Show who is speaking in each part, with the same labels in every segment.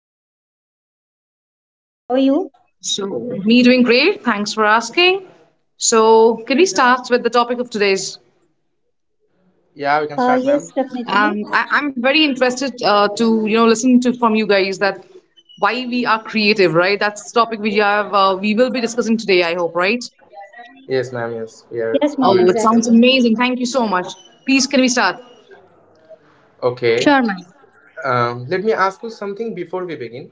Speaker 1: ma'am.
Speaker 2: Good, ma'am. How are you?
Speaker 3: So, me doing great. Thanks for asking. So, can we start with the topic of today's?
Speaker 1: Yeah, we can
Speaker 2: Uh,
Speaker 1: start, ma'am.
Speaker 2: yes, definitely.
Speaker 3: I'm very interested to listen to from you guys that why we are creative, right? That's the topic we have. We will be discussing today. I hope, right?
Speaker 1: Yes, ma'am. Yes, we are. We
Speaker 2: Yes,
Speaker 1: will be
Speaker 2: ma'am,
Speaker 3: Oh, it
Speaker 1: discussing.
Speaker 3: sounds
Speaker 2: exactly.
Speaker 3: amazing. Thank you so much. Please, can we start?
Speaker 1: Okay.
Speaker 2: Sure, ma'am.
Speaker 1: Let me ask you something before we begin.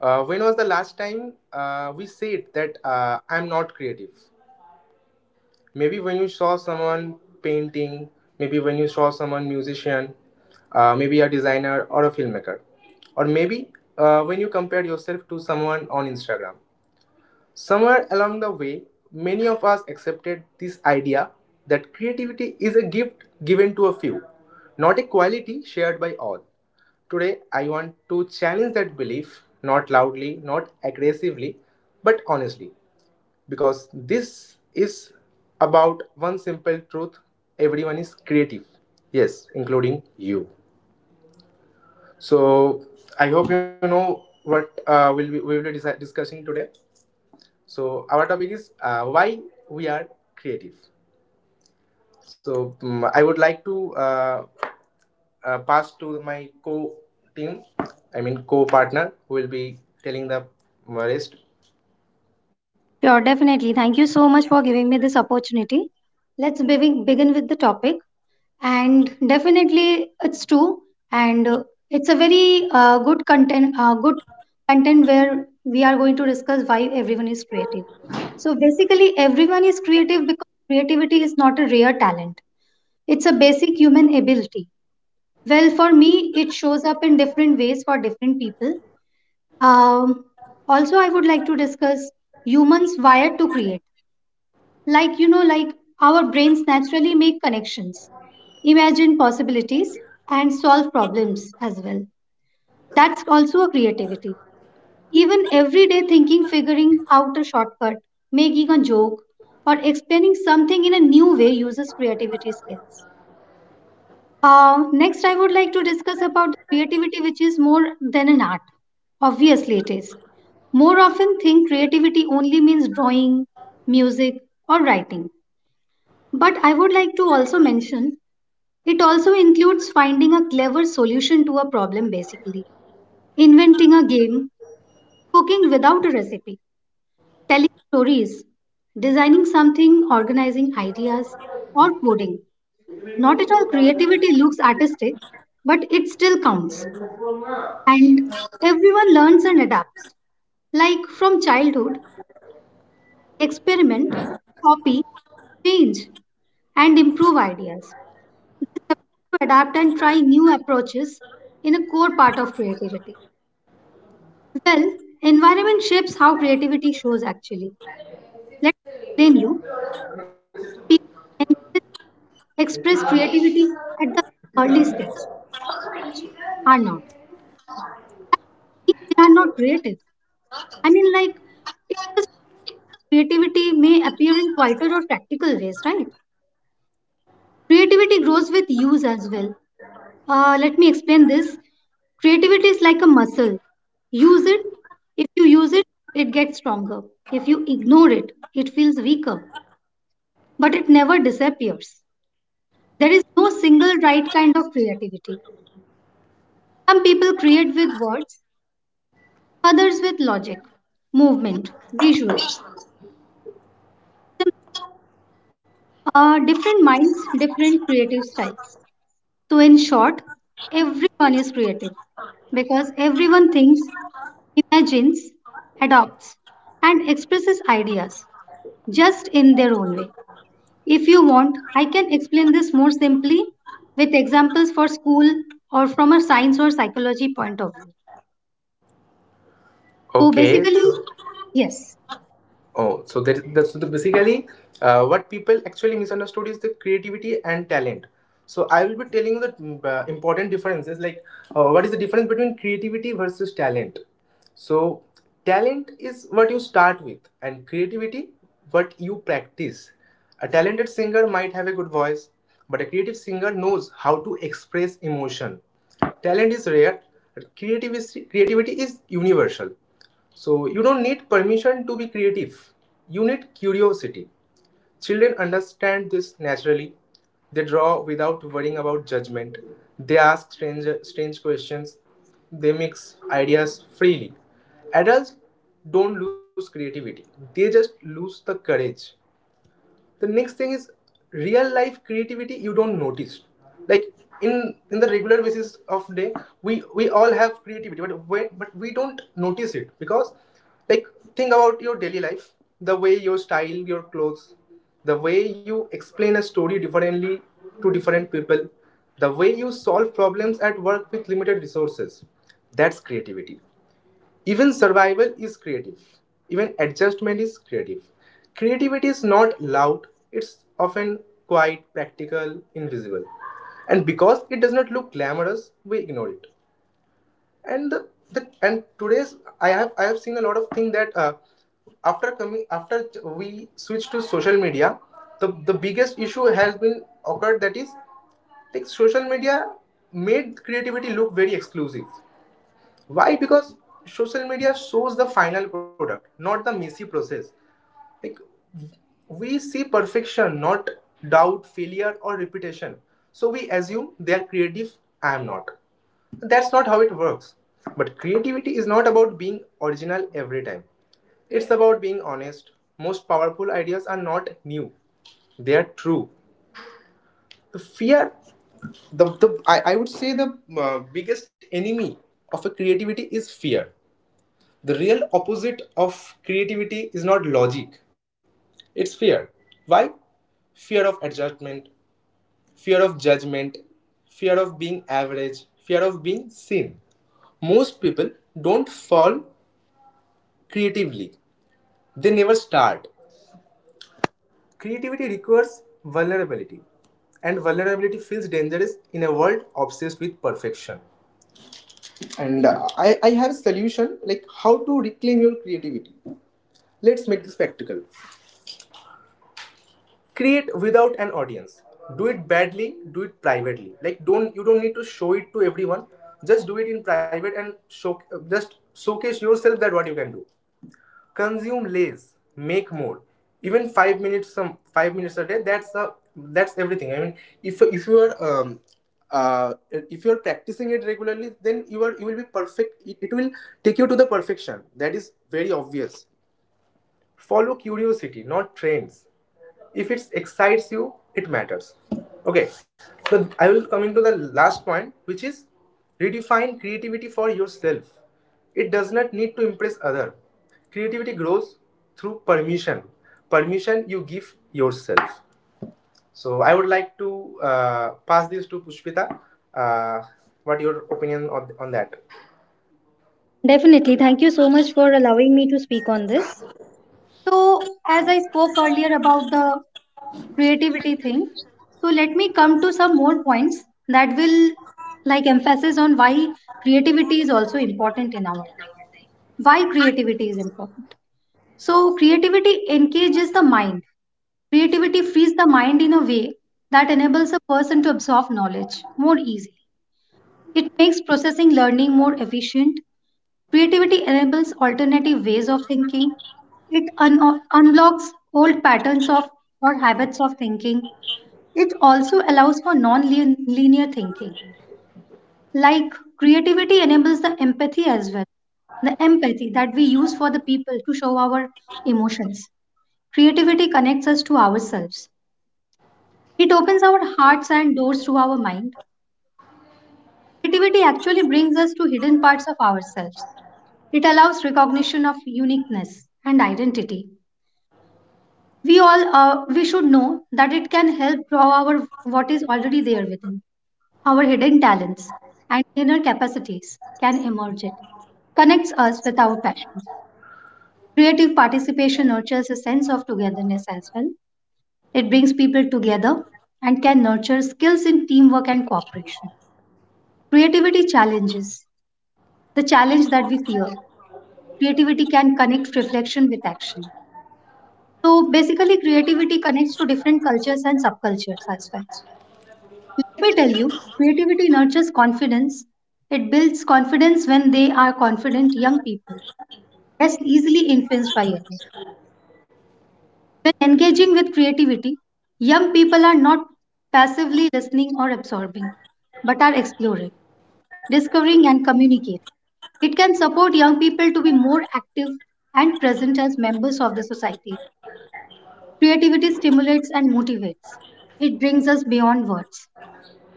Speaker 1: When was the last time we said that I'm not creative? Maybe when you saw someone painting, maybe when you saw someone musician, maybe a designer or a filmmaker, or maybe when you compared yourself to someone on Instagram. Somewhere along the way, many of us accepted this idea that creativity is a gift given to a few, not a quality shared by all. Today, I want to challenge that belief, not loudly, not aggressively, but honestly, because this is about one simple truth, everyone is creative. Yes, including you. So, I hope you know what we'll be, we will be disi- discussing today. So our topic is why we are creative. So I would like to pass to my co-team, I mean co-partner, who will be telling the rest.
Speaker 2: Sure, definitely. Thank you so much for giving me this opportunity. Let's begin with the topic. And definitely, it's true. And it's a very good content where we are going to discuss why everyone is creative. So basically, everyone is creative because creativity is not a rare talent. It's a basic human ability. Well, for me, it shows up in different ways for different people. Um, Also, I would like to discuss humans wired to create. Like, you know, like our brains naturally make connections, imagine possibilities, and solve problems as well. That's also a creativity. Even everyday thinking, figuring out a shortcut, making a joke, or explaining something in a new way uses creativity skills. Next, I would like to discuss about creativity, which is more than an art. Obviously, it is. More often think creativity only means drawing, music, or writing. But I would like to also mention it also includes finding a clever solution to a problem, basically, inventing a game, cooking without a recipe, telling stories, designing something, organizing ideas, or coding. Not at all creativity looks artistic, but it still counts. And everyone learns and adapts. Like from childhood, experiment, copy, change, and improve ideas. This ability to adapt and try new approaches in a core part of creativity. Well, environment shapes how creativity shows actually. Let me explain you. People can express creativity at the early stage are not. If they are not creative, I mean like it's just creativity may appear in quieter or practical ways, right? Creativity grows with use as well. Let me explain this. Creativity is like a muscle. Use it. If you use it, it gets stronger. If you ignore it, it feels weaker, but it never disappears. There is no single right kind of creativity. Some people create with words, others with logic, movement, visuals. Different minds, different creative styles. So, in short, everyone is creative because everyone thinks imagines, adopts, and expresses ideas just in their own way. If you want, I can explain this more simply with examples for school or from a science or psychology point of view. So
Speaker 1: Okay. So,
Speaker 2: basically, yes.
Speaker 1: oh, so there, that's, so basically what people actually misunderstood is the creativity and talent. So I will be telling you the important differences, like what is the difference between creativity versus talent. So talent is what you start with, and creativity what you practice. A talented singer might have a good voice, but a creative singer knows how to express emotion. Talent is rare, but creativity is universal. So you don't need permission to be creative. You need curiosity. Children understand this naturally. They draw without worrying about judgment. They ask strange questions. They mix ideas freely. Adults don't lose creativity. They just lose the courage. The next thing is real life creativity you don't notice, like in the regular basis of day, we all have creativity, but we don't notice it because, like, think about your daily life, the way your style your clothes, the way you explain a story differently to different people, the way you solve problems at work with limited resources. That's creativity. Even survival is creative. Even adjustment is creative. Creativity is not loud, it's often quiet, practical, invisible. And because it does not look glamorous, we ignore it. And the and today's, I have seen a lot of thing that after we switch to social media, the biggest issue has been occurred, that is, like, social media made creativity look very exclusive. Why? Because social media shows the final product, not the messy process. Like, we see perfection, not doubt, failure, or repetition. So we assume they are creative. I am not. That's not how it works. But creativity is not about being original every time. It's about being honest. Most powerful ideas are not new, they are true. The fear, the I would say the biggest enemy of a creativity is fear. The real opposite of creativity is not logic, it's fear. Why? Fear of adjustment, fear of judgment, fear of being average, fear of being seen. Most people don't fall creatively, they never start. Creativity requires vulnerability, and vulnerability feels dangerous in a world obsessed with perfection. And I have a solution, like how to reclaim your creativity. Let's make this practical. Create without an audience, do it badly, do it privately, like, don't, you don't need to show it to everyone, just do it in private and show, just showcase yourself that what you can do. Consume less, make more. Even 5 minutes a day, that's a, that's everything. I mean, if if you are practicing it regularly, then you are, you will be perfect, it will take you to the perfection, that is very obvious. Follow curiosity, not trends. If it excites you, it matters. Okay. So I will coming to the last point, which is redefine creativity for yourself. It does not need to impress other. Creativity grows through permission, permission you give yourself. So I would like to pass this to Pushpita. uh, what your opinion on that?
Speaker 2: Definitely, thank you so much for allowing me to speak on this. So, as I spoke earlier about the creativity thing, so let me come to some more points that will like emphasis on why creativity is also important in our life. Why creativity is important, so creativity engages the mind. Creativity frees the mind in a way that enables a person to absorb knowledge more easily. It makes processing learning more efficient. Creativity enables alternative ways of thinking. It unlocks old patterns of or habits of thinking. It also allows for non-linear thinking. Like creativity enables the empathy as well. The empathy that we use for the people to show our emotions. Creativity connects us to ourselves. It opens our hearts and doors to our mind. Creativity actually brings us to hidden parts of ourselves. It allows recognition of uniqueness and identity. We all we should know that it can help draw our what is already there within. Our hidden talents and inner capacities can emerge. It connects us with our passions. Creative participation nurtures a sense of togetherness as well. It brings people together and can nurture skills in teamwork and cooperation. Creativity challenges the challenge that we fear. Creativity can connect reflection with action. So basically, creativity connects to different cultures and subcultures as well. Let me tell you, creativity nurtures confidence. It builds confidence when they are confident young people, less easily influenced by others. When engaging with creativity, young people are not passively listening or absorbing, but are exploring, discovering, and communicating. It can support young people to be more active and present as members of the society. Creativity stimulates and motivates. It brings us beyond words.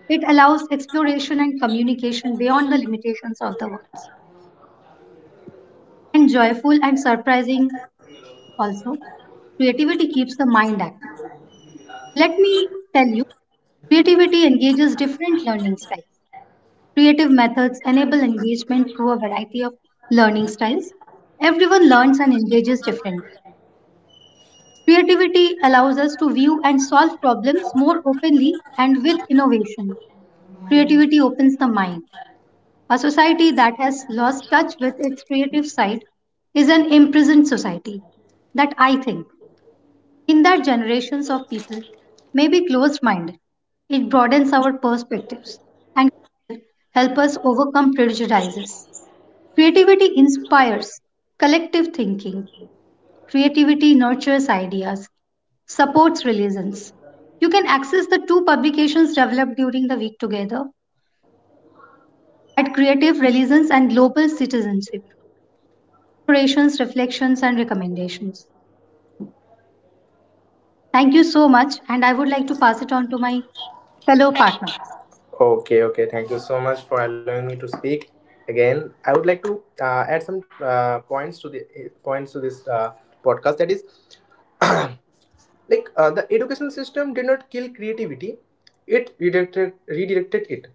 Speaker 2: It allows exploration and communication beyond the limitations of the words. And joyful and surprising also, creativity keeps the mind active. Let me tell you, creativity engages different learning styles. Creative methods enable engagement through a variety of learning styles. Everyone learns and engages differently. Creativity allows us to view and solve problems more openly and with innovation. Creativity opens the mind. A society that has lost touch with its creative side is an imprisoned society that I think in that generations of people may be closed minded. It broadens our perspectives and help us overcome prejudices. Creativity inspires collective thinking. Creativity nurtures ideas, supports religions. You can access the two publications developed during the week together at Creative Religions and Global Citizenship, Inspirations, Reflections, and Recommendations. Thank you so much, and I would like to pass it on to my fellow partners.
Speaker 1: Okay, okay. Thank you so much for allowing me to speak again. I would like to add some points to this podcast. That is, like, the education system did not kill creativity; it redirected it.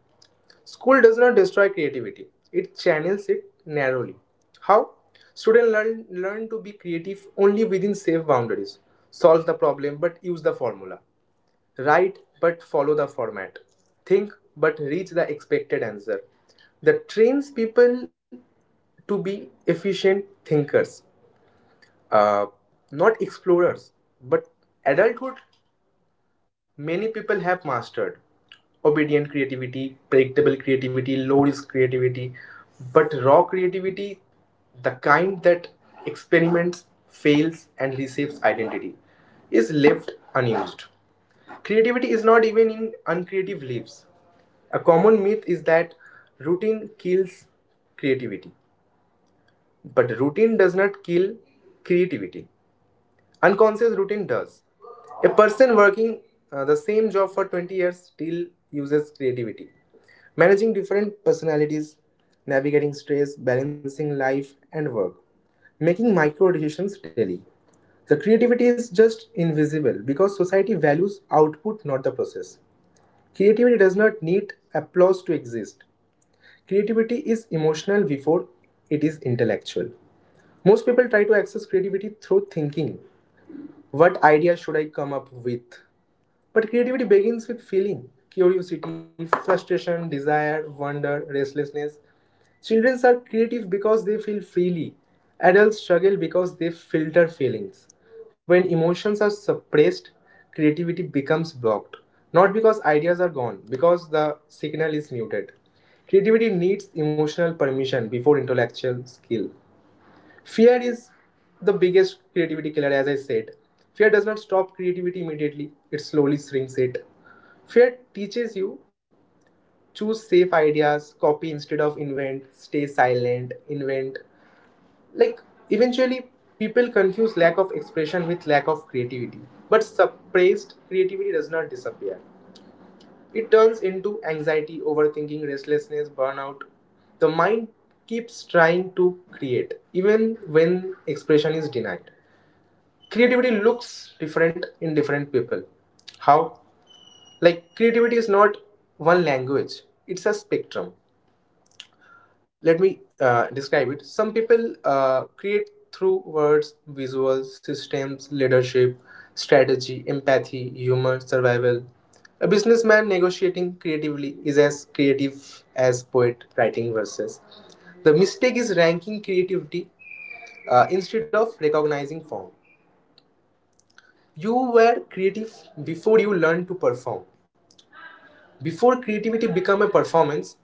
Speaker 1: School does not destroy creativity, it channels it narrowly. How? Students learn to be creative only within safe boundaries. Solve the problem but use the formula. Write but follow the format. Think but reach the expected answer. That trains people to be efficient thinkers, uh, not explorers. But adulthood, many people have mastered obedient creativity, predictable creativity, low risk creativity, but raw creativity, the kind that experiments, fails, and receives identity, is left unused. Creativity is not even in uncreative leaves. A common myth is that routine kills creativity, but routine does not kill creativity. Unconscious routine does. A person working the same job for 20 years still uses creativity. Managing different personalities, navigating stress, balancing life and work, making micro decisions daily. The creativity is just invisible because society values output, not the process. Creativity does not need applause to exist. Creativity is emotional before it is intellectual. Most people try to access creativity through thinking, what idea should I come up with? But creativity begins with feeling curiosity, frustration, desire, wonder, restlessness. Children are creative because they feel freely. Adults struggle because they filter feelings. When emotions are suppressed, creativity becomes blocked. Not because ideas are gone, because the signal is muted. Creativity needs emotional permission before intellectual skill. Fear is the biggest creativity killer, as I said. Fear does not stop creativity immediately, it slowly shrinks it. Fear teaches you, choose safe ideas, copy instead of invent, stay silent, invent. Like, eventually, people confuse lack of expression with lack of creativity. But suppressed creativity does not disappear. It turns into anxiety, overthinking, restlessness, burnout. The mind keeps trying to create, even when expression is denied. Creativity looks different in different people. How? Like, creativity is not one language, it's a spectrum. Let me describe it. Some people create through words, visuals, systems, leadership, strategy, empathy, humor, survival. A businessman negotiating creatively is as creative as poet writing verses. The mistake is ranking creativity instead of recognizing form. You were creative before you learned to perform. Before creativity became a performance,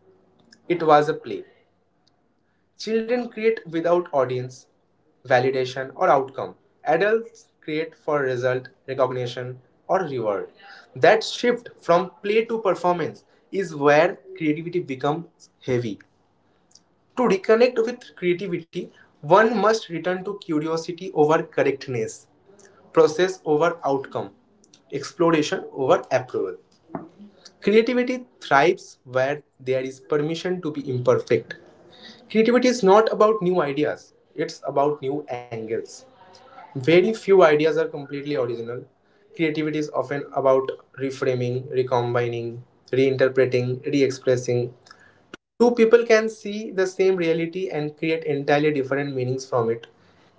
Speaker 1: it was a play. Children create without audience, validation, or outcome. Adults create for result, recognition, or reward. That shift from play to performance is where creativity becomes heavy. To reconnect with creativity, one must return to curiosity over correctness, process over outcome, exploration over approval. Creativity thrives where there is permission to be imperfect. Creativity is not about new ideas, it's about new angles. Very few ideas are completely original. Creativity is often about reframing, recombining, reinterpreting, re expressing. Two people can see the same reality and create entirely different meanings from it.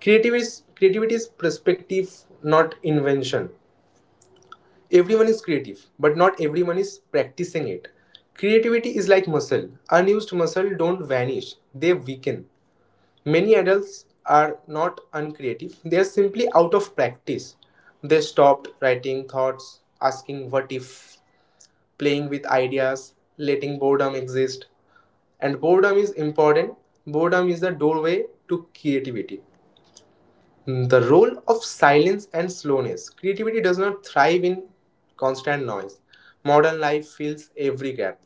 Speaker 1: Creativity is perspective, not invention. Everyone is creative, but not everyone is practicing it. Creativity is like muscle. Unused muscle don't vanish, they weaken. Many adults are not uncreative, they are simply out of practice. They stopped writing thoughts, asking what if, playing with ideas, letting boredom exist. And boredom is important, boredom is the doorway to creativity. The role of silence and slowness. Creativity does not thrive in constant noise. Modern life fills every gap,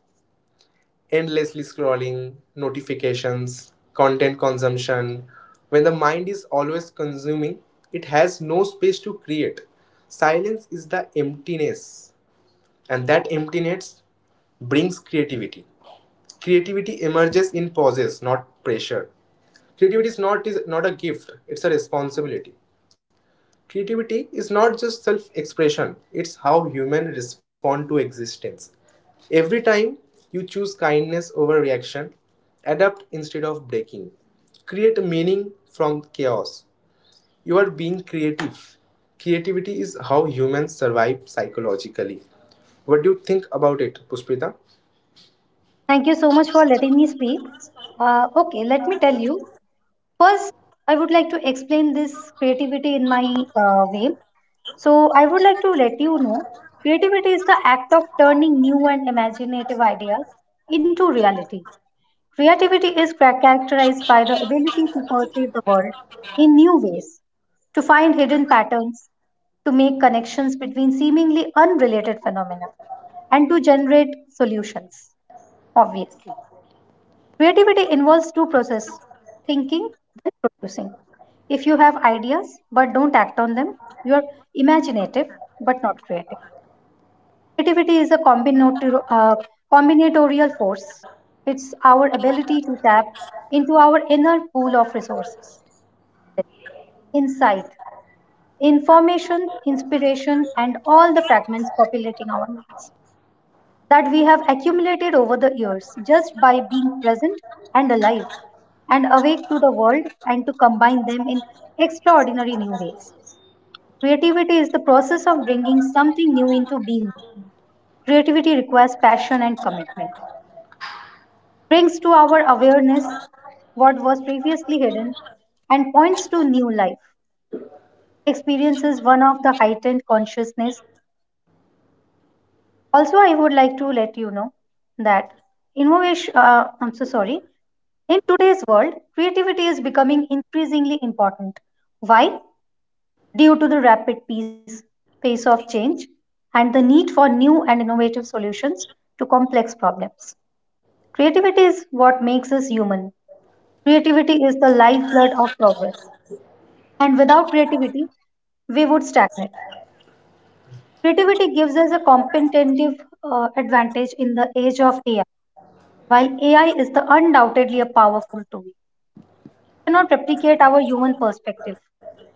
Speaker 1: endlessly scrolling, notifications, content consumption. When the mind is always consuming, it has no space to create. Silence is the emptiness, and that emptiness brings creativity. Creativity emerges in pauses, not pressure. Creativity is, not, is not a gift, it's a responsibility. Creativity is not just self expression, it's how humans respond to existence. Every time you choose kindness over reaction, adapt instead of breaking, create meaning from chaos. You are being creative. Creativity is how humans survive psychologically. What do you think about it, Pushpita?
Speaker 2: Thank you so much for letting me speak. Okay, let me tell you first, I would like to explain this creativity in my way. So, I would like to let you know creativity is the act of turning new and imaginative ideas into reality. Creativity is characterized by the ability to perceive the world in new ways, to find hidden patterns, to make connections between seemingly unrelated phenomena, and to generate solutions, obviously. Creativity involves two processes thinking, and producing. If you have ideas but don't act on them, you are imaginative but not creative. Creativity is a combinatorial force, it's our ability to tap into our inner pool of resources, insight, information, inspiration, and all the fragments populating our minds that we have accumulated over the years just by being present and alive and awake to the world and to combine them in extraordinary new ways. Creativity is the process of bringing something new into being. Creativity requires passion and commitment, brings to our awareness what was previously hidden, and points to new life. Experiences one of the heightened consciousness. Also, I would like to let you know that innovation, I'm so sorry, In today's world, creativity is becoming increasingly important. Why? Due to the pace of change and the need for new and innovative solutions to complex problems. Creativity is what makes us human. Creativity is the lifeblood of progress. And without creativity, we would stagnate. Creativity gives us a competitive advantage in the age of AI. While AI is the undoubtedly a powerful tool, cannot replicate our human perspective,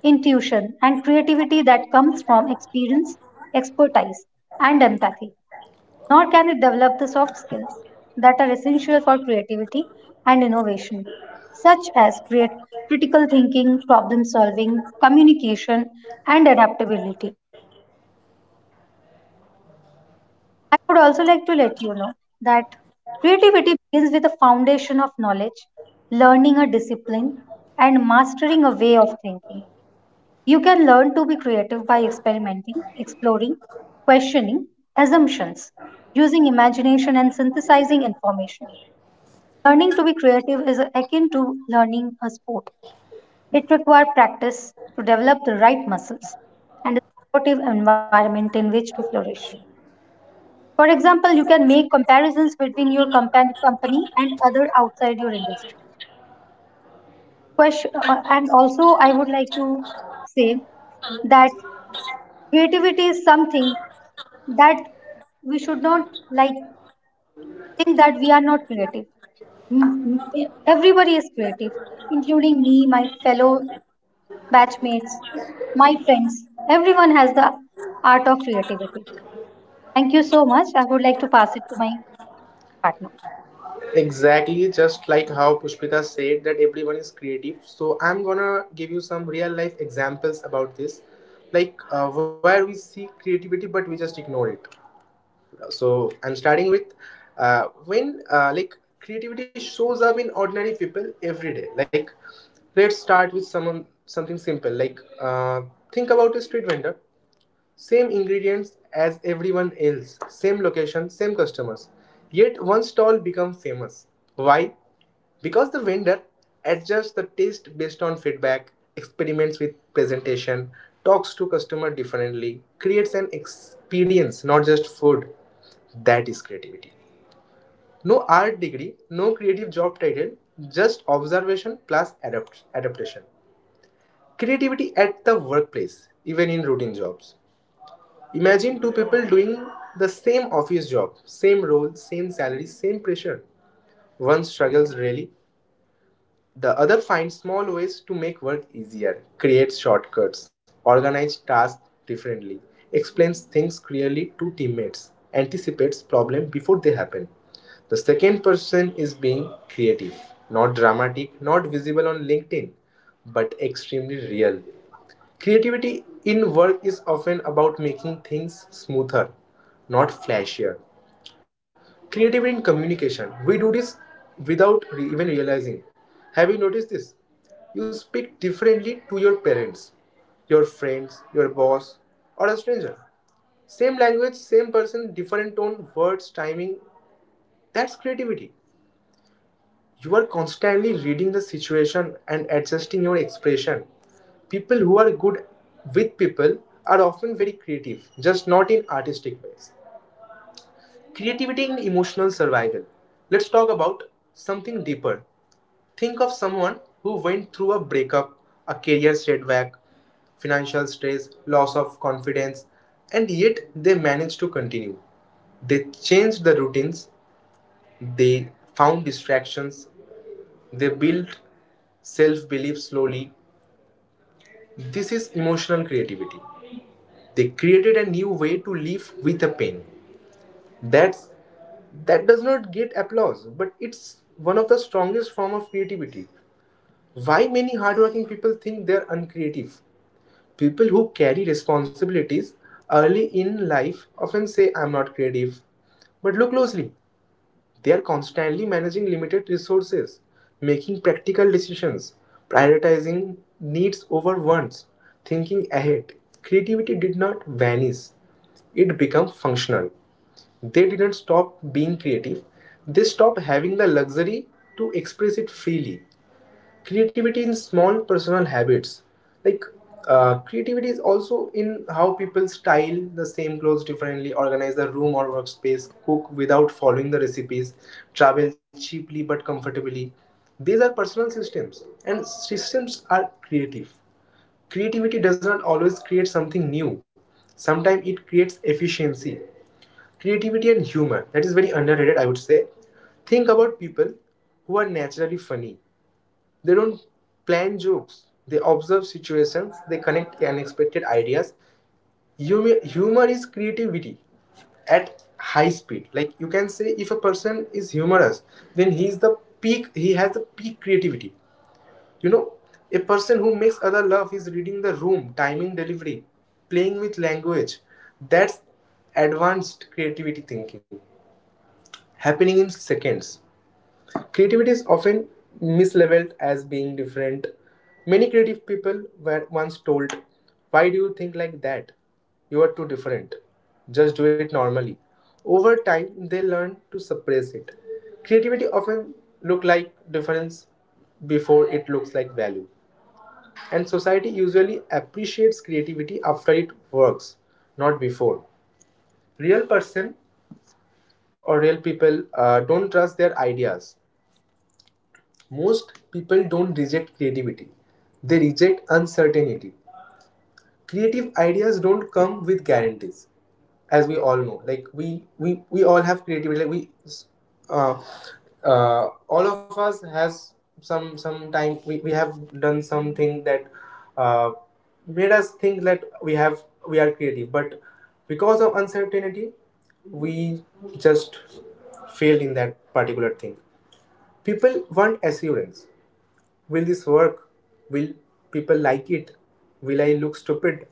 Speaker 2: intuition, and creativity that comes from experience, expertise, and empathy. Nor can it develop the soft skills that are essential for creativity and innovation, such as create critical thinking, problem solving, communication, and adaptability. I would also like to let you know that creativity begins with a foundation of knowledge, learning a discipline, and mastering a way of thinking. You can learn to be creative by experimenting, exploring, questioning assumptions, using imagination, and synthesizing information. Learning to be creative is akin to learning a sport. It requires practice to develop the right muscles and a supportive environment in which to flourish. For example, you can make comparisons between your company and other outside your industry. Question, and also, I would like to say that creativity is something that we should not like think that we are not creative. Mm, Everybody is creative, including me, my fellow batchmates, my friends. Everyone has the art of creativity. Thank you so much. I would like to pass it to my partner.
Speaker 1: Exactly, just like how Pushpita said that everyone is creative. So I'm gonna give you some real life examples about this, like where we see creativity but we just ignore it. So I'm starting with when like creativity shows up in ordinary people every day. Like, let's start with someone something simple. Like think about a street vendor. Same ingredients as everyone else, same location, same customers. Yet one stall becomes famous. Why? Because the vendor adjusts the taste based on feedback, experiments with presentation, talks to customer differently, creates an experience, not just food. That is creativity. No art degree, no creative job title, just observation plus adaptation. Creativity at the workplace, even in routine jobs. Imagine two people doing the same office job, same role, same salary, same pressure. One struggles really, the other finds small ways to make work easier, creates shortcuts, organizes tasks differently, explains things clearly to teammates, anticipates problems before they happen. The second person is being creative, not dramatic, not visible on LinkedIn, but extremely real. Creativity in work is often about making things smoother, not flashier. Creativity in communication. We do this without even realizing. Have you noticed this? You speak differently to your parents, your friends, your boss, or a stranger. Same language, same person, different tone, words, timing. That's creativity. You are constantly reading the situation and adjusting your expression. People who are good with people are often very creative, just not in artistic ways. Creativity in emotional survival. Let's talk about something deeper. Think of someone who went through a breakup, a career setback, financial stress, loss of confidence, and yet they managed to continue. They changed the routines, they found distractions, they built self belief slowly. This is emotional creativity. They created a new way to live with a pain. That's that does not get applause, but it's one of the strongest form of creativity. Why many hardworking people think they're uncreative? People who carry responsibilities early in life often say I'm not creative. But look closely. They are constantly managing limited resources, making practical decisions, prioritizing needs over wants, thinking ahead. Creativity did not vanish, it became functional. They didn't stop being creative, they stopped having the luxury to express it freely. Creativity in small personal habits, like creativity is also in how people style the same clothes differently, organize the room or workspace, cook without following the recipes, travel cheaply but comfortably. These are personal systems, and systems are creative. Creativity does not always create something new, sometimes it creates efficiency. Creativity and humor, that is very underrated, I would say. Think about people who are naturally funny. They don't plan jokes. They observe situations. They connect unexpected ideas. Humor is creativity at high speed. Like, you can say, if a person is humorous, then he is the peak. He has the peak creativity. You know, a person who makes other laugh is reading the room, timing delivery, playing with language. That's advanced creativity thinking happening in seconds. Creativity is often mislabeled as being different. Many creative people were once told, "Why do you think like that? You are too different. Just do it normally." Over time, they learn to suppress it. Creativity often look like difference before it looks like value. And society usually appreciates creativity after it works, not before. Real person or real people don't trust their ideas. Most people don't reject creativity, they reject uncertainty. Creative ideas don't come with guarantees, as we all know. Like, we all have creativity. Uh, all of us has some time we have done something that uh, made us think that we are creative, but because of uncertainty we just failed in that particular thing. People want assurance. Will this work? Will people like it? Will I look stupid?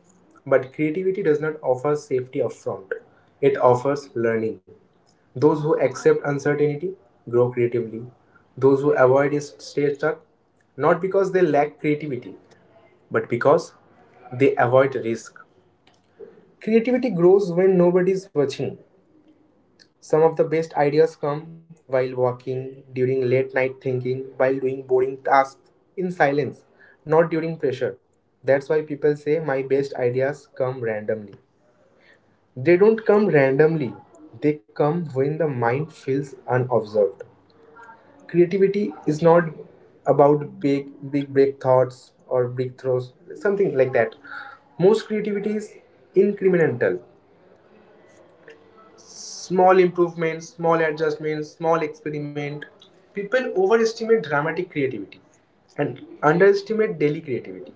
Speaker 1: But creativity does not offer safety upfront, it offers learning. Those who accept uncertainty grow creatively. Those who avoid it stay stuck, not because they lack creativity, but because they avoid risk. Creativity grows when nobody is watching. Some of the best ideas come while walking, during late night thinking, while doing boring tasks, in silence, not during pressure. That's why people say my best ideas come randomly. They don't come randomly, they come when the mind feels unobserved. Creativity is not about big break thoughts or breakthroughs, something like that. Most creativity is incremental. Small improvements, small adjustments, small experiment. People overestimate dramatic creativity and underestimate daily creativity.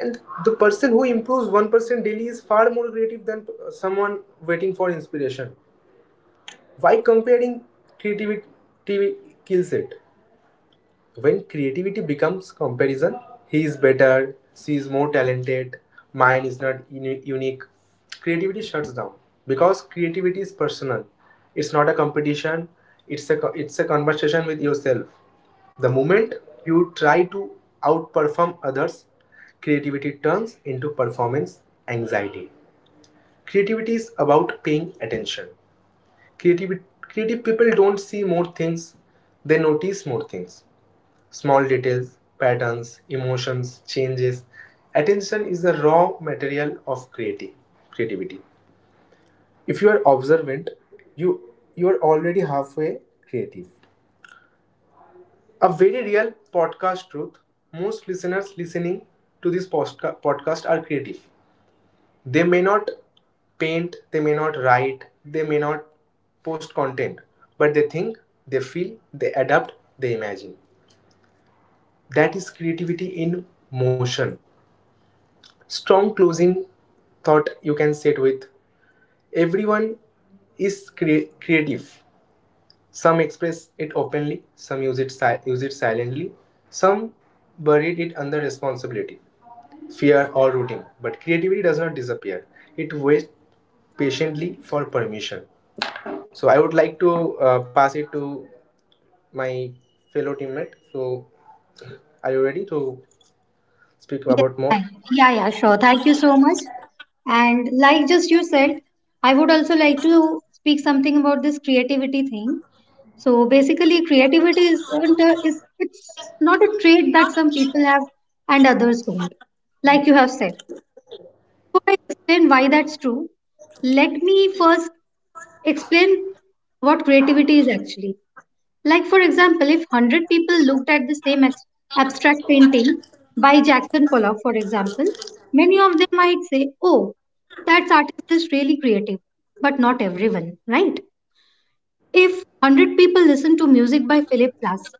Speaker 1: And the person who improves 1% daily is far more creative than someone waiting for inspiration. Why comparing creativity kills it? When creativity becomes comparison — he is better, she is more talented, mine is not unique — creativity shuts down because creativity is personal. It's not a competition, it's it's a conversation with yourself. The moment you try to outperform others, creativity turns into performance anxiety. Creativity is about paying attention. Creative people don't see more things, they notice more things. Small details, patterns, emotions, changes. Attention is the raw material of creativity. If you are observant, you are already halfway creative. A very real podcast truth. Most listeners listening to this podcast are creative. They may not paint, they may not write, they may not post content, but they think, they feel, they adapt, they imagine. That is creativity in motion. Strong closing thought you can sit with. Everyone is creative. Some express it openly, some use it, use it silently, some buried it under responsibility, fear, or routine. But creativity does not disappear, it waits patiently for permission. So I would like to pass it to my fellow teammate. So, are you ready to speak
Speaker 2: Yes,
Speaker 1: about more?
Speaker 2: thank you. Yeah, yeah, sure. Thank you so much. And like just you said, I would also like to speak something about this creativity thing. So basically, creativity isn't a, is it's not a trait that some people have and others don't. Like you have said, before I explain why that's true, let me first explain what creativity is actually. Like for example, if 100 people looked at the same abstract painting by Jackson Pollock, for example, many of them might say, "Oh, that's artist is really creative," but not everyone, right? If 100 people listen to music by Philip Glass,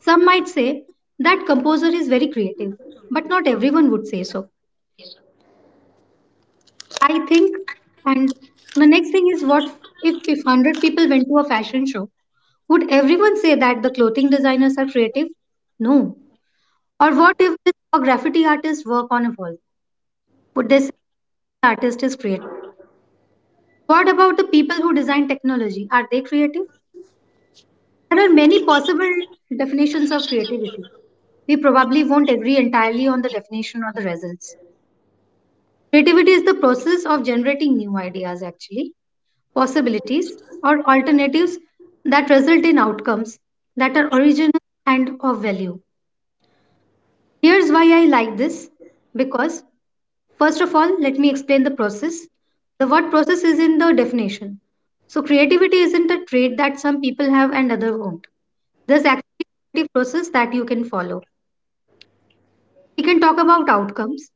Speaker 2: some might say that composer is very creative, but not everyone would say so. I think, and the next thing is what if 100 people went to a fashion show? Would everyone say that the clothing designers are creative? No. Or what if this a graffiti artists work on a wall? Would they say the artist is creative? What about the people who design technology? Are they creative? There are many possible definitions of creativity. We probably won't agree entirely on the definition or the results. Creativity is the process of generating new ideas, actually, possibilities, or alternatives that result in outcomes that are original and of value. Here's why I like this because, first of all, let me explain the process. The word process is in the definition. So, creativity isn't a trait that some people have and others won't. There's actually a creative process that you can follow. We can talk about outcomes.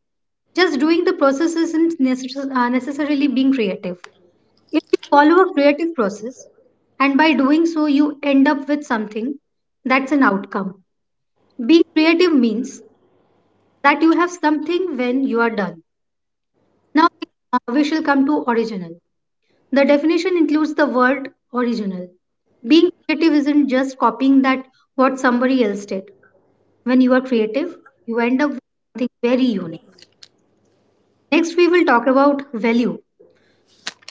Speaker 2: Just doing the process isn't necessarily being creative. If you follow a creative process, and by doing so, you end up with something that's an outcome. Being creative means that you have something when you are done. Now, we shall come to original. The definition includes the word original. Being creative isn't just copying that what somebody else did. When you are creative, you end up with something very unique. Next, we will talk about value.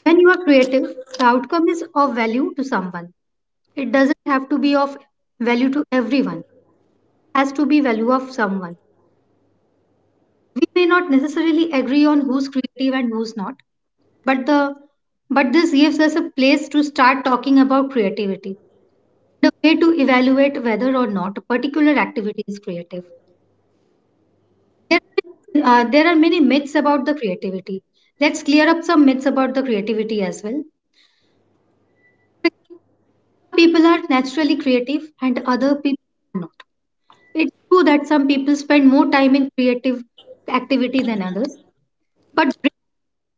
Speaker 2: When you are creative, the outcome is of value to someone. It doesn't have to be of value to everyone, it has to be value of someone. We may not necessarily agree on who's creative and who's not, but the but this gives us a place to start talking about creativity, the way to evaluate whether or not a particular activity is creative. There, there are many myths about the creativity. Let's clear up some myths about the creativity as well. People are naturally creative and other people are not. It's true that some people spend more time in creative activity than others, but brain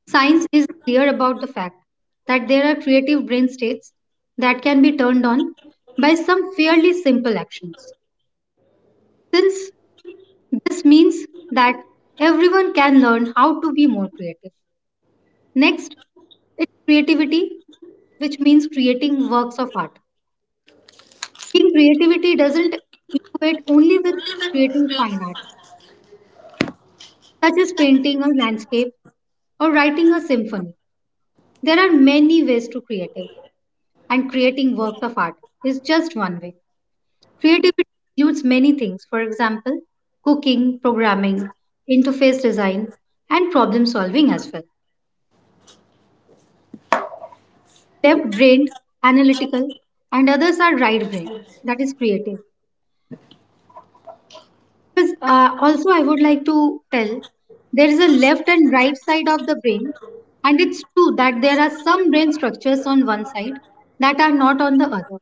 Speaker 2: science is clear about the fact that there are creative brain states that can be turned on by some fairly simple actions. Since this means that everyone can learn how to be more creative. Next, it's creativity, which means creating works of art. Being creativity doesn't equate only with creating fine arts, such as painting or landscape or writing a symphony. There are many ways to creative, and creating works of art is just one way. Creativity includes many things, for example, cooking, programming, interface design, and problem solving as well. Left brained, analytical, and others are right brained, that is creative. Because also, I would like to tell there is a left and right side of the brain, and it's true that there are some brain structures on one side that are not on the other.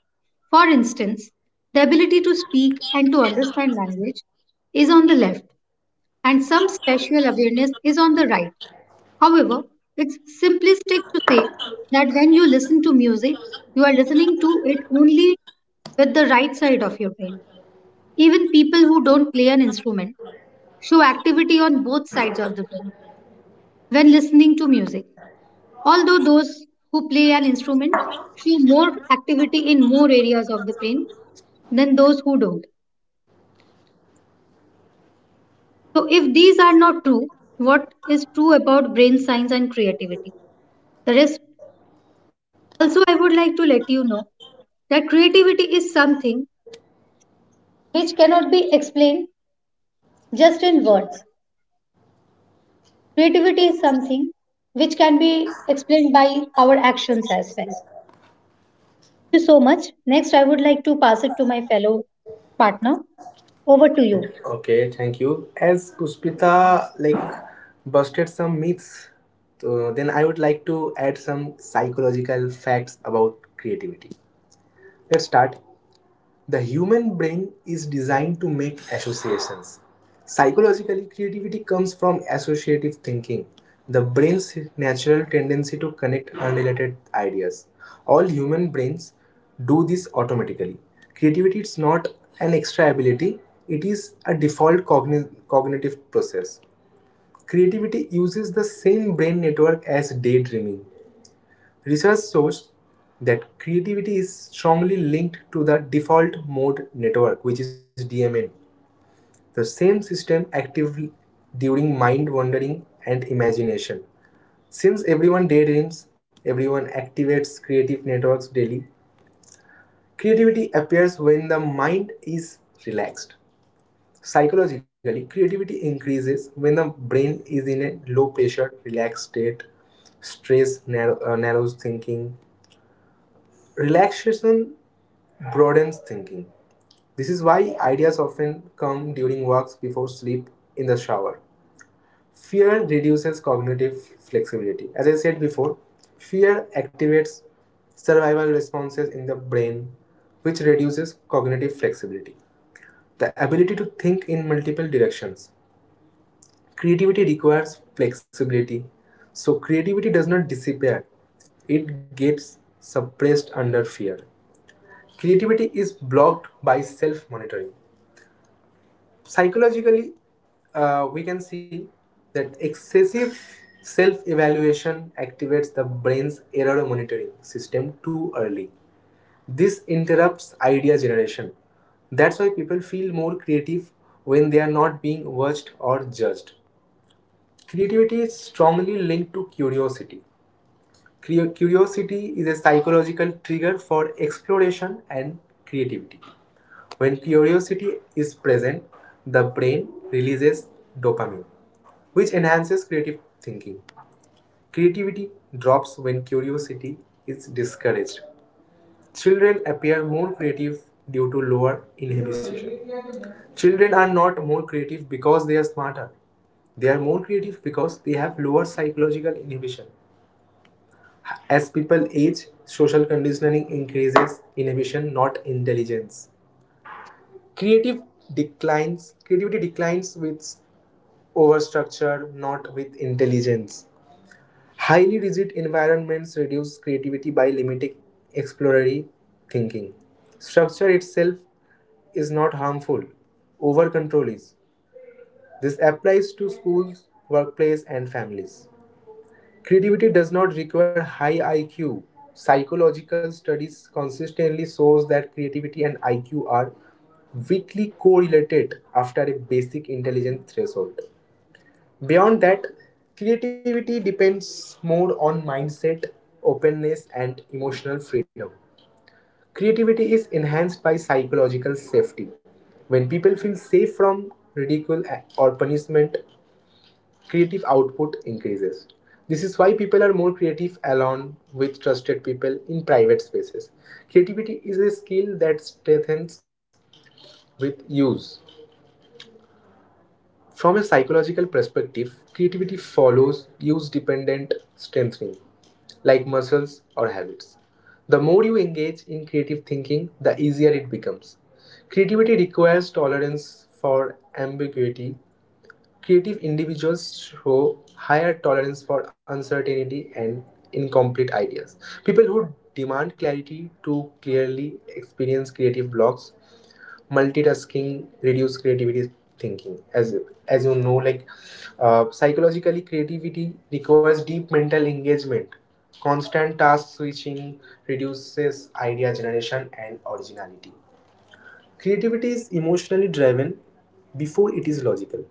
Speaker 2: For instance, the ability to speak and to understand language is on the left, and some spatial awareness is on the right. However, it's simplistic to say that when you listen to music, you are listening to it only with the right side of your brain. Even people who don't play an instrument show activity on both sides of the brain when listening to music. Although those who play an instrument show more activity in more areas of the brain than those who don't. So, if these are not true, what is true about brain science and creativity? The rest, also, I would like to let you know that creativity is something which cannot be explained just in words. Creativity is something which can be explained by our actions as well. You so much. Next, I would like to pass it to my fellow partner. Over to you.
Speaker 1: Okay, thank you. As Puspita like busted some myths, so then I would like to add some psychological facts about creativity. Let's start. The human brain is designed to make associations. Psychologically, creativity comes from associative thinking, the brain's natural tendency to connect unrelated ideas. All human brains do this automatically. Creativity is not an extra ability, it is a default cognitive process. Creativity uses the same brain network as daydreaming. Research shows that creativity is strongly linked to the default mode network, which is DMN. The same system active during mind wandering and imagination. Since everyone daydreams, everyone activates creative networks daily. Creativity appears when the mind is relaxed. Psychologically, creativity increases when the brain is in a low pressure, relaxed state. Stress narrows thinking. Relaxation broadens thinking. This is why ideas often come during walks, before sleep, in the shower. Fear reduces cognitive flexibility. As I said before, fear activates survival responses in the brain, which reduces cognitive flexibility. The ability to think in multiple directions. Creativity requires flexibility, so creativity does not disappear, it gets suppressed under fear. Creativity is blocked by self monitoring. Psychologically, we can see that excessive self evaluation activates the brain's error monitoring system too early. This interrupts idea generation. That's why people feel more creative when they are not being watched or judged. Creativity is strongly linked to curiosity. Curiosity is a psychological trigger for exploration and creativity. When curiosity is present, the brain releases dopamine, which enhances creative thinking. Creativity drops when curiosity is discouraged. Children appear more creative due to lower inhibition. Children are not more creative because they are smarter. They are more creative because they have lower psychological inhibition. As people age, social conditioning increases inhibition, not intelligence. Creative creativity declines with overstructure, not with intelligence. Highly rigid environments reduce creativity by limiting exploratory thinking. Structure itself is not harmful. Over control is. This applies to schools, workplace, and families. Creativity does not require high IQ. Psychological studies consistently shows that creativity and IQ are weakly correlated after a basic intelligence threshold. Beyond that, creativity depends more on mindset, openness, and emotional freedom. Creativity is enhanced by psychological safety. When people feel safe from ridicule or punishment, creative output increases. This is why people are more creative along with trusted people in private spaces. Creativity is a skill that strengthens with use. From a psychological perspective, creativity follows use dependent strengthening, like muscles or habits. The more you engage in creative thinking, the easier it becomes. Creativity requires tolerance for ambiguity. Creative individuals show higher tolerance for uncertainty and incomplete ideas. People who demand clarity to clearly experience creative blocks. Multitasking reduce creativity thinking. As you know, like psychologically, creativity requires deep mental engagement. Constant task switching reduces idea generation and originality. Creativity is emotionally driven before it is logical.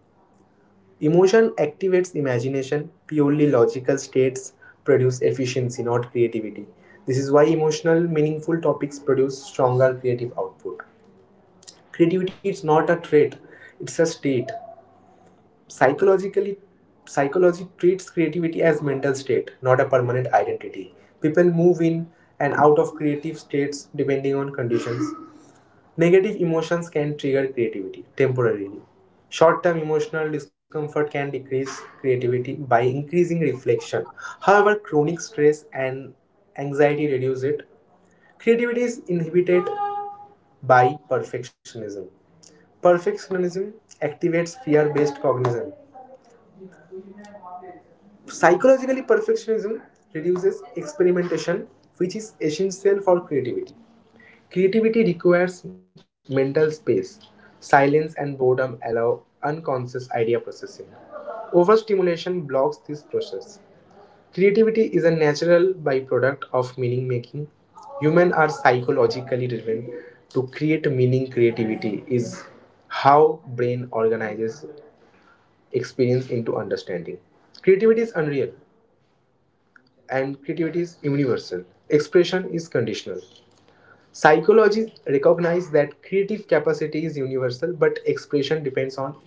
Speaker 1: Emotion activates imagination. Purely logical states produce efficiency, not creativity. This is why emotional, meaningful topics produce stronger creative output. Creativity is not a trait, it's a state. Psychologically, psychology treats creativity as mental state, not a permanent identity. People move in and out of creative states depending on conditions. Negative emotions can trigger creativity temporarily. Short term emotional discomfort can decrease creativity by increasing reflection. However, chronic stress and anxiety reduce it. Creativity is inhibited by perfectionism. Perfectionism activates fear based cognition. Psychologically, perfectionism reduces experimentation, which is essential for creativity. Creativity requires mental space. Silence and boredom allow unconscious idea processing. Overstimulation blocks this process. Creativity is a natural byproduct of meaning making. Humans are psychologically driven to create meaning. Creativity is how brain organizes experience into understanding. Creativity is unreal and creativity is universal. Expression is conditional. Psychology recognizes that creative capacity is universal, but expression depends on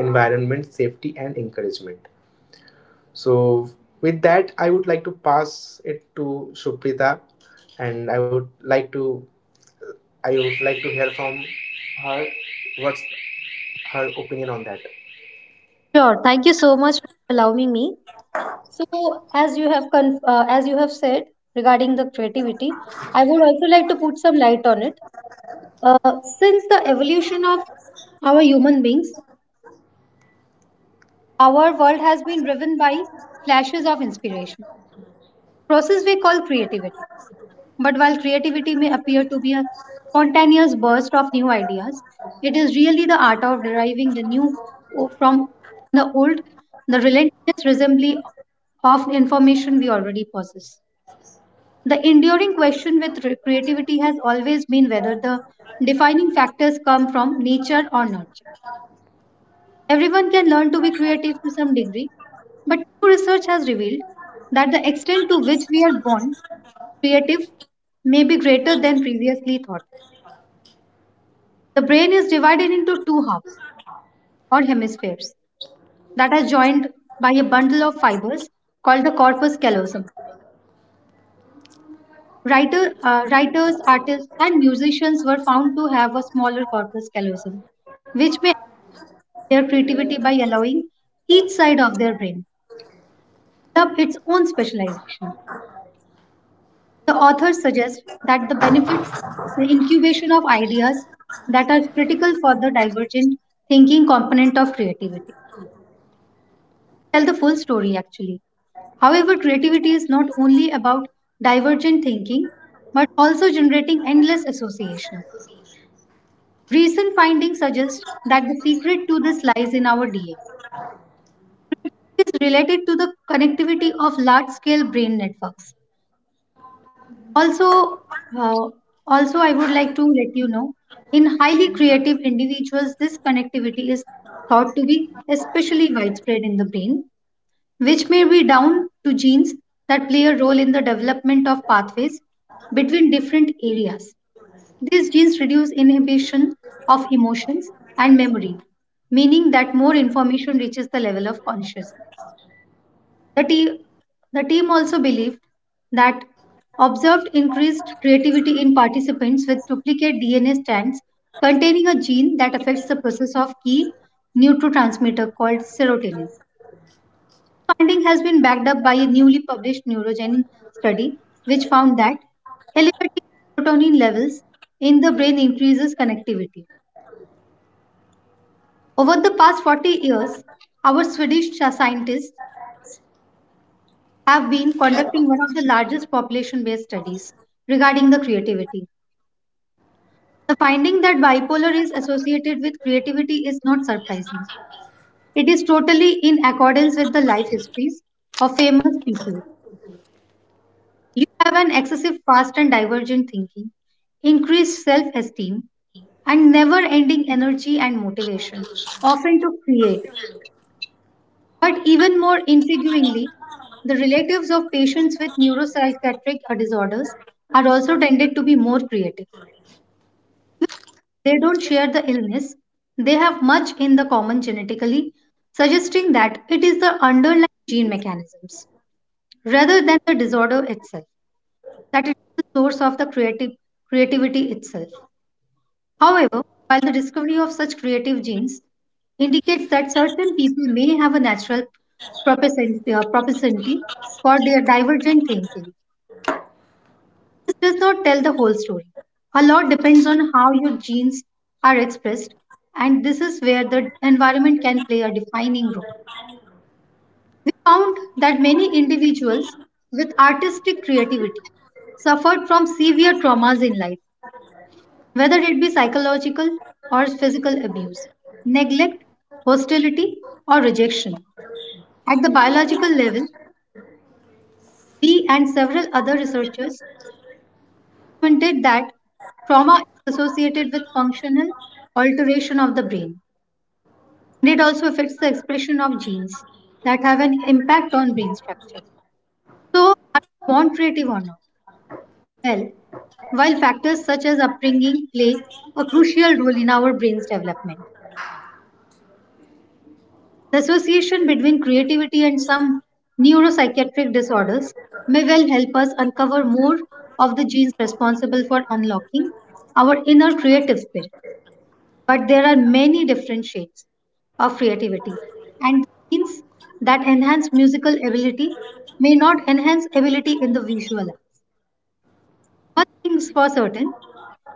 Speaker 1: environment, safety, and encouragement. So, with that, I would like to pass it to Suprita, and I would like to hear from her what's her opinion on that.
Speaker 2: Sure. Thank you so much for allowing me. So, as you have said regarding the creativity, I would also like to put some light on it. Uh, since the evolution of our human beings, our world has been driven by flashes of inspiration, process we call creativity. But while creativity may appear to be a spontaneous burst of new ideas, it is really the art of deriving the new from the old, the relentless resembly of information we already possess. The enduring question with creativity has always been whether the defining factors come from nature or nurture. Everyone can learn to be creative to some degree, but new research has revealed that the extent to which we are born creative may be greater than previously thought. The brain is divided into two halves or hemispheres that are joined by a bundle of fibers called the corpus callosum. Writers, artists, and musicians were found to have a smaller corpus callosum, which may aid their creativity by allowing each side of their brain to develop its own specialization. The author suggests that the benefits the incubation of ideas that are critical for the divergent thinking component of creativity. Tell the full story actually. However, creativity is not only about divergent thinking but also generating endless associations. Recent findings suggest that the secret to this lies in our DNA. It is related to the connectivity of large scale brain networks. Also, uh, also I would like to let you know, in highly creative individuals, this connectivity is thought to be especially widespread in the brain, which may be down to genes that play a role in the development of pathways between different areas. These genes reduce inhibition of emotions and memory, meaning that more information reaches the level of consciousness. The, te- the team also believed that observed increased creativity in participants with duplicate DNA strands containing a gene that affects the process of key neurotransmitter called serotonin. Finding has been backed up by a newly published neurogenic study which found that elevated serotonin levels in the brain increases connectivity. Over the past 40 years, our Swedish scientists have been conducting one of the largest population based studies regarding the creativity. The finding that bipolar is associated with creativity is not surprising. It is totally in accordance with the life histories of famous people. You have an excessive fast and divergent thinking, increased self esteem, and never ending energy and motivation, often to create. But even more intriguingly, the relatives of patients with neuropsychiatric disorders are also tended to be more creative. They don't share the illness, they have much in the common genetically, suggesting that it is the underlying gene mechanisms rather than the disorder itself, that it is the source of the creative creativity itself. However, while the discovery of such creative genes indicates that certain people may have a natural propensity for their divergent thinking, this does not tell the whole story. A lot depends on how your genes are expressed, and this is where the environment can play a defining role. We found that many individuals with artistic creativity suffered from severe traumas in life whether it be psychological or physical abuse, neglect, hostility, or rejection. At the biological level, we and several other researchers hinted that trauma is associated with functional alteration of the brain, and it also affects the expression of genes that have an impact on brain structure. So, are we born creative or not? Well, while factors such as upbringing play a crucial role in our brain's development, the association between creativity and some neuropsychiatric disorders may well help us uncover more of the genes responsible for unlocking our inner creative spirit. But there are many different shades of creativity, and genes that enhance musical ability may not enhance ability in the visual arts. One thing's for certain,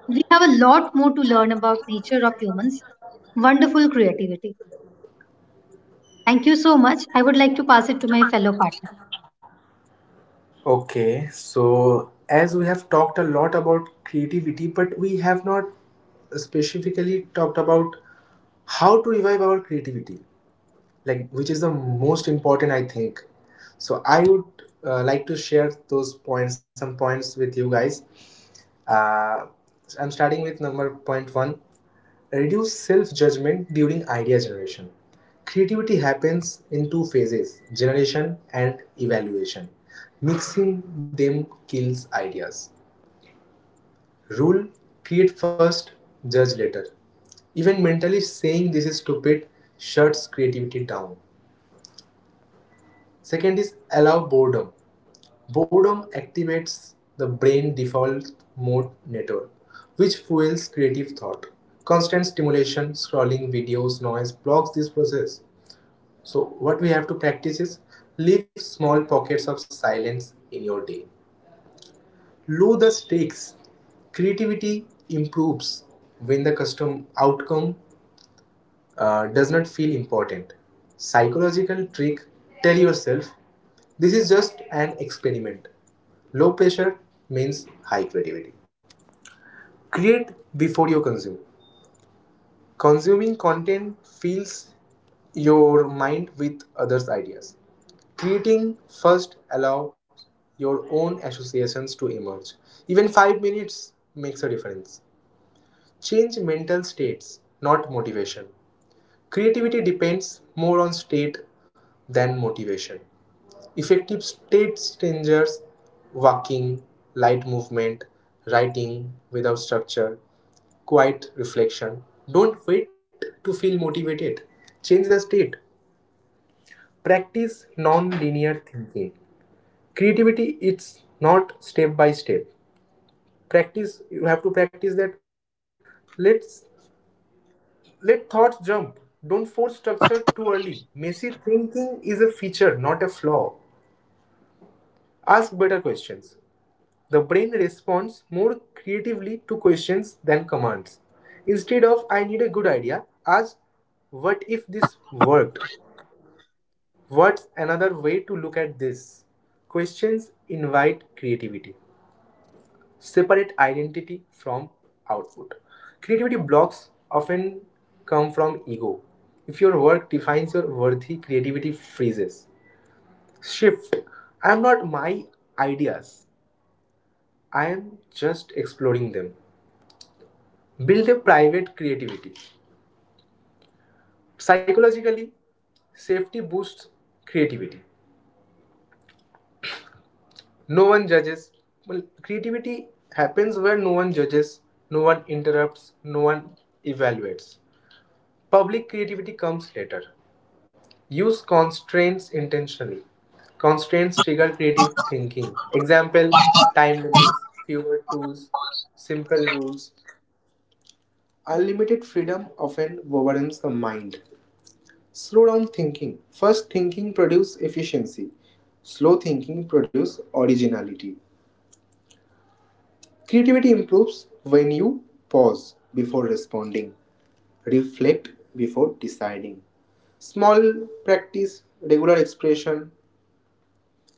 Speaker 2: we have a lot more to learn about nature of humans. Wonderful creativity. Thank you so much. I would like to pass it to my fellow partner.
Speaker 1: Okay, so as we have talked a lot about creativity, but we have not specifically talked about how to revive our creativity, like which is the most important, I think. So I would like to share those points, some points with you guys. Uh, I'm starting with number point one. Reduce self-judgment during idea generation. Creativity happens in two phases: generation and evaluation. Mixing them kills ideas. Rule: create first, judge later. Even mentally saying this is stupid shuts creativity down. Second is allow boredom. Boredom activates the brain default mode network, which fuels creative thought. Constant stimulation, scrolling, videos, noise blocks this process. So, what we have to practice is leave small pockets of silence in your day. Low the stakes. Creativity improves when the custom outcome does not feel important. Psychological trick, tell yourself this is just an experiment. Low pressure means high creativity. Create before you consume. Consuming content fills your mind with others' ideas. Creating first allows your own associations to emerge. Even 5 minutes makes a difference. Change mental states, not motivation. Creativity depends more on state than motivation. Effective state changes: walking, light movement, writing without structure, quiet reflection. Don't wait to feel motivated. Change the state. Practice non-linear thinking. Creativity it's not step by step. Practice you have to practice that let's Let thoughts jump. Don't force structure too early. Messy thinking is a feature, not a flaw. Ask better questions. The brain responds more creatively to questions than commands. Instead of I need a good idea, ask what if this worked? What's another way to look at this? Questions invite creativity. Separate identity from output. Creativity blocks often come from ego. If your work defines your worthy, creativity freezes. Shift. I am not my ideas. I am just exploring them. Build a private creativity. Psychologically, safety boosts creativity. No one judges. Well, creativity happens where no one judges, no one interrupts, no one evaluates. Public creativity comes later. Use constraints intentionally. Constraints trigger creative thinking. Example, time limits, fewer tools, simple rules. Unlimited freedom often overwhelms the mind. Slow down thinking. Fast thinking produces efficiency. Slow thinking produces originality. Creativity improves when you pause before responding, reflect before deciding. Small practice, regular expression.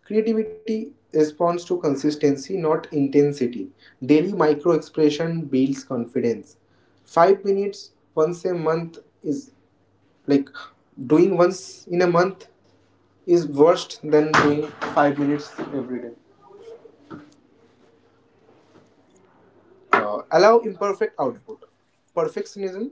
Speaker 1: Creativity responds to consistency, not intensity. Daily micro expression builds confidence. Five minutes once a month is like Doing once in a month is worse than doing 5 minutes every day. Allow imperfect output. Perfectionism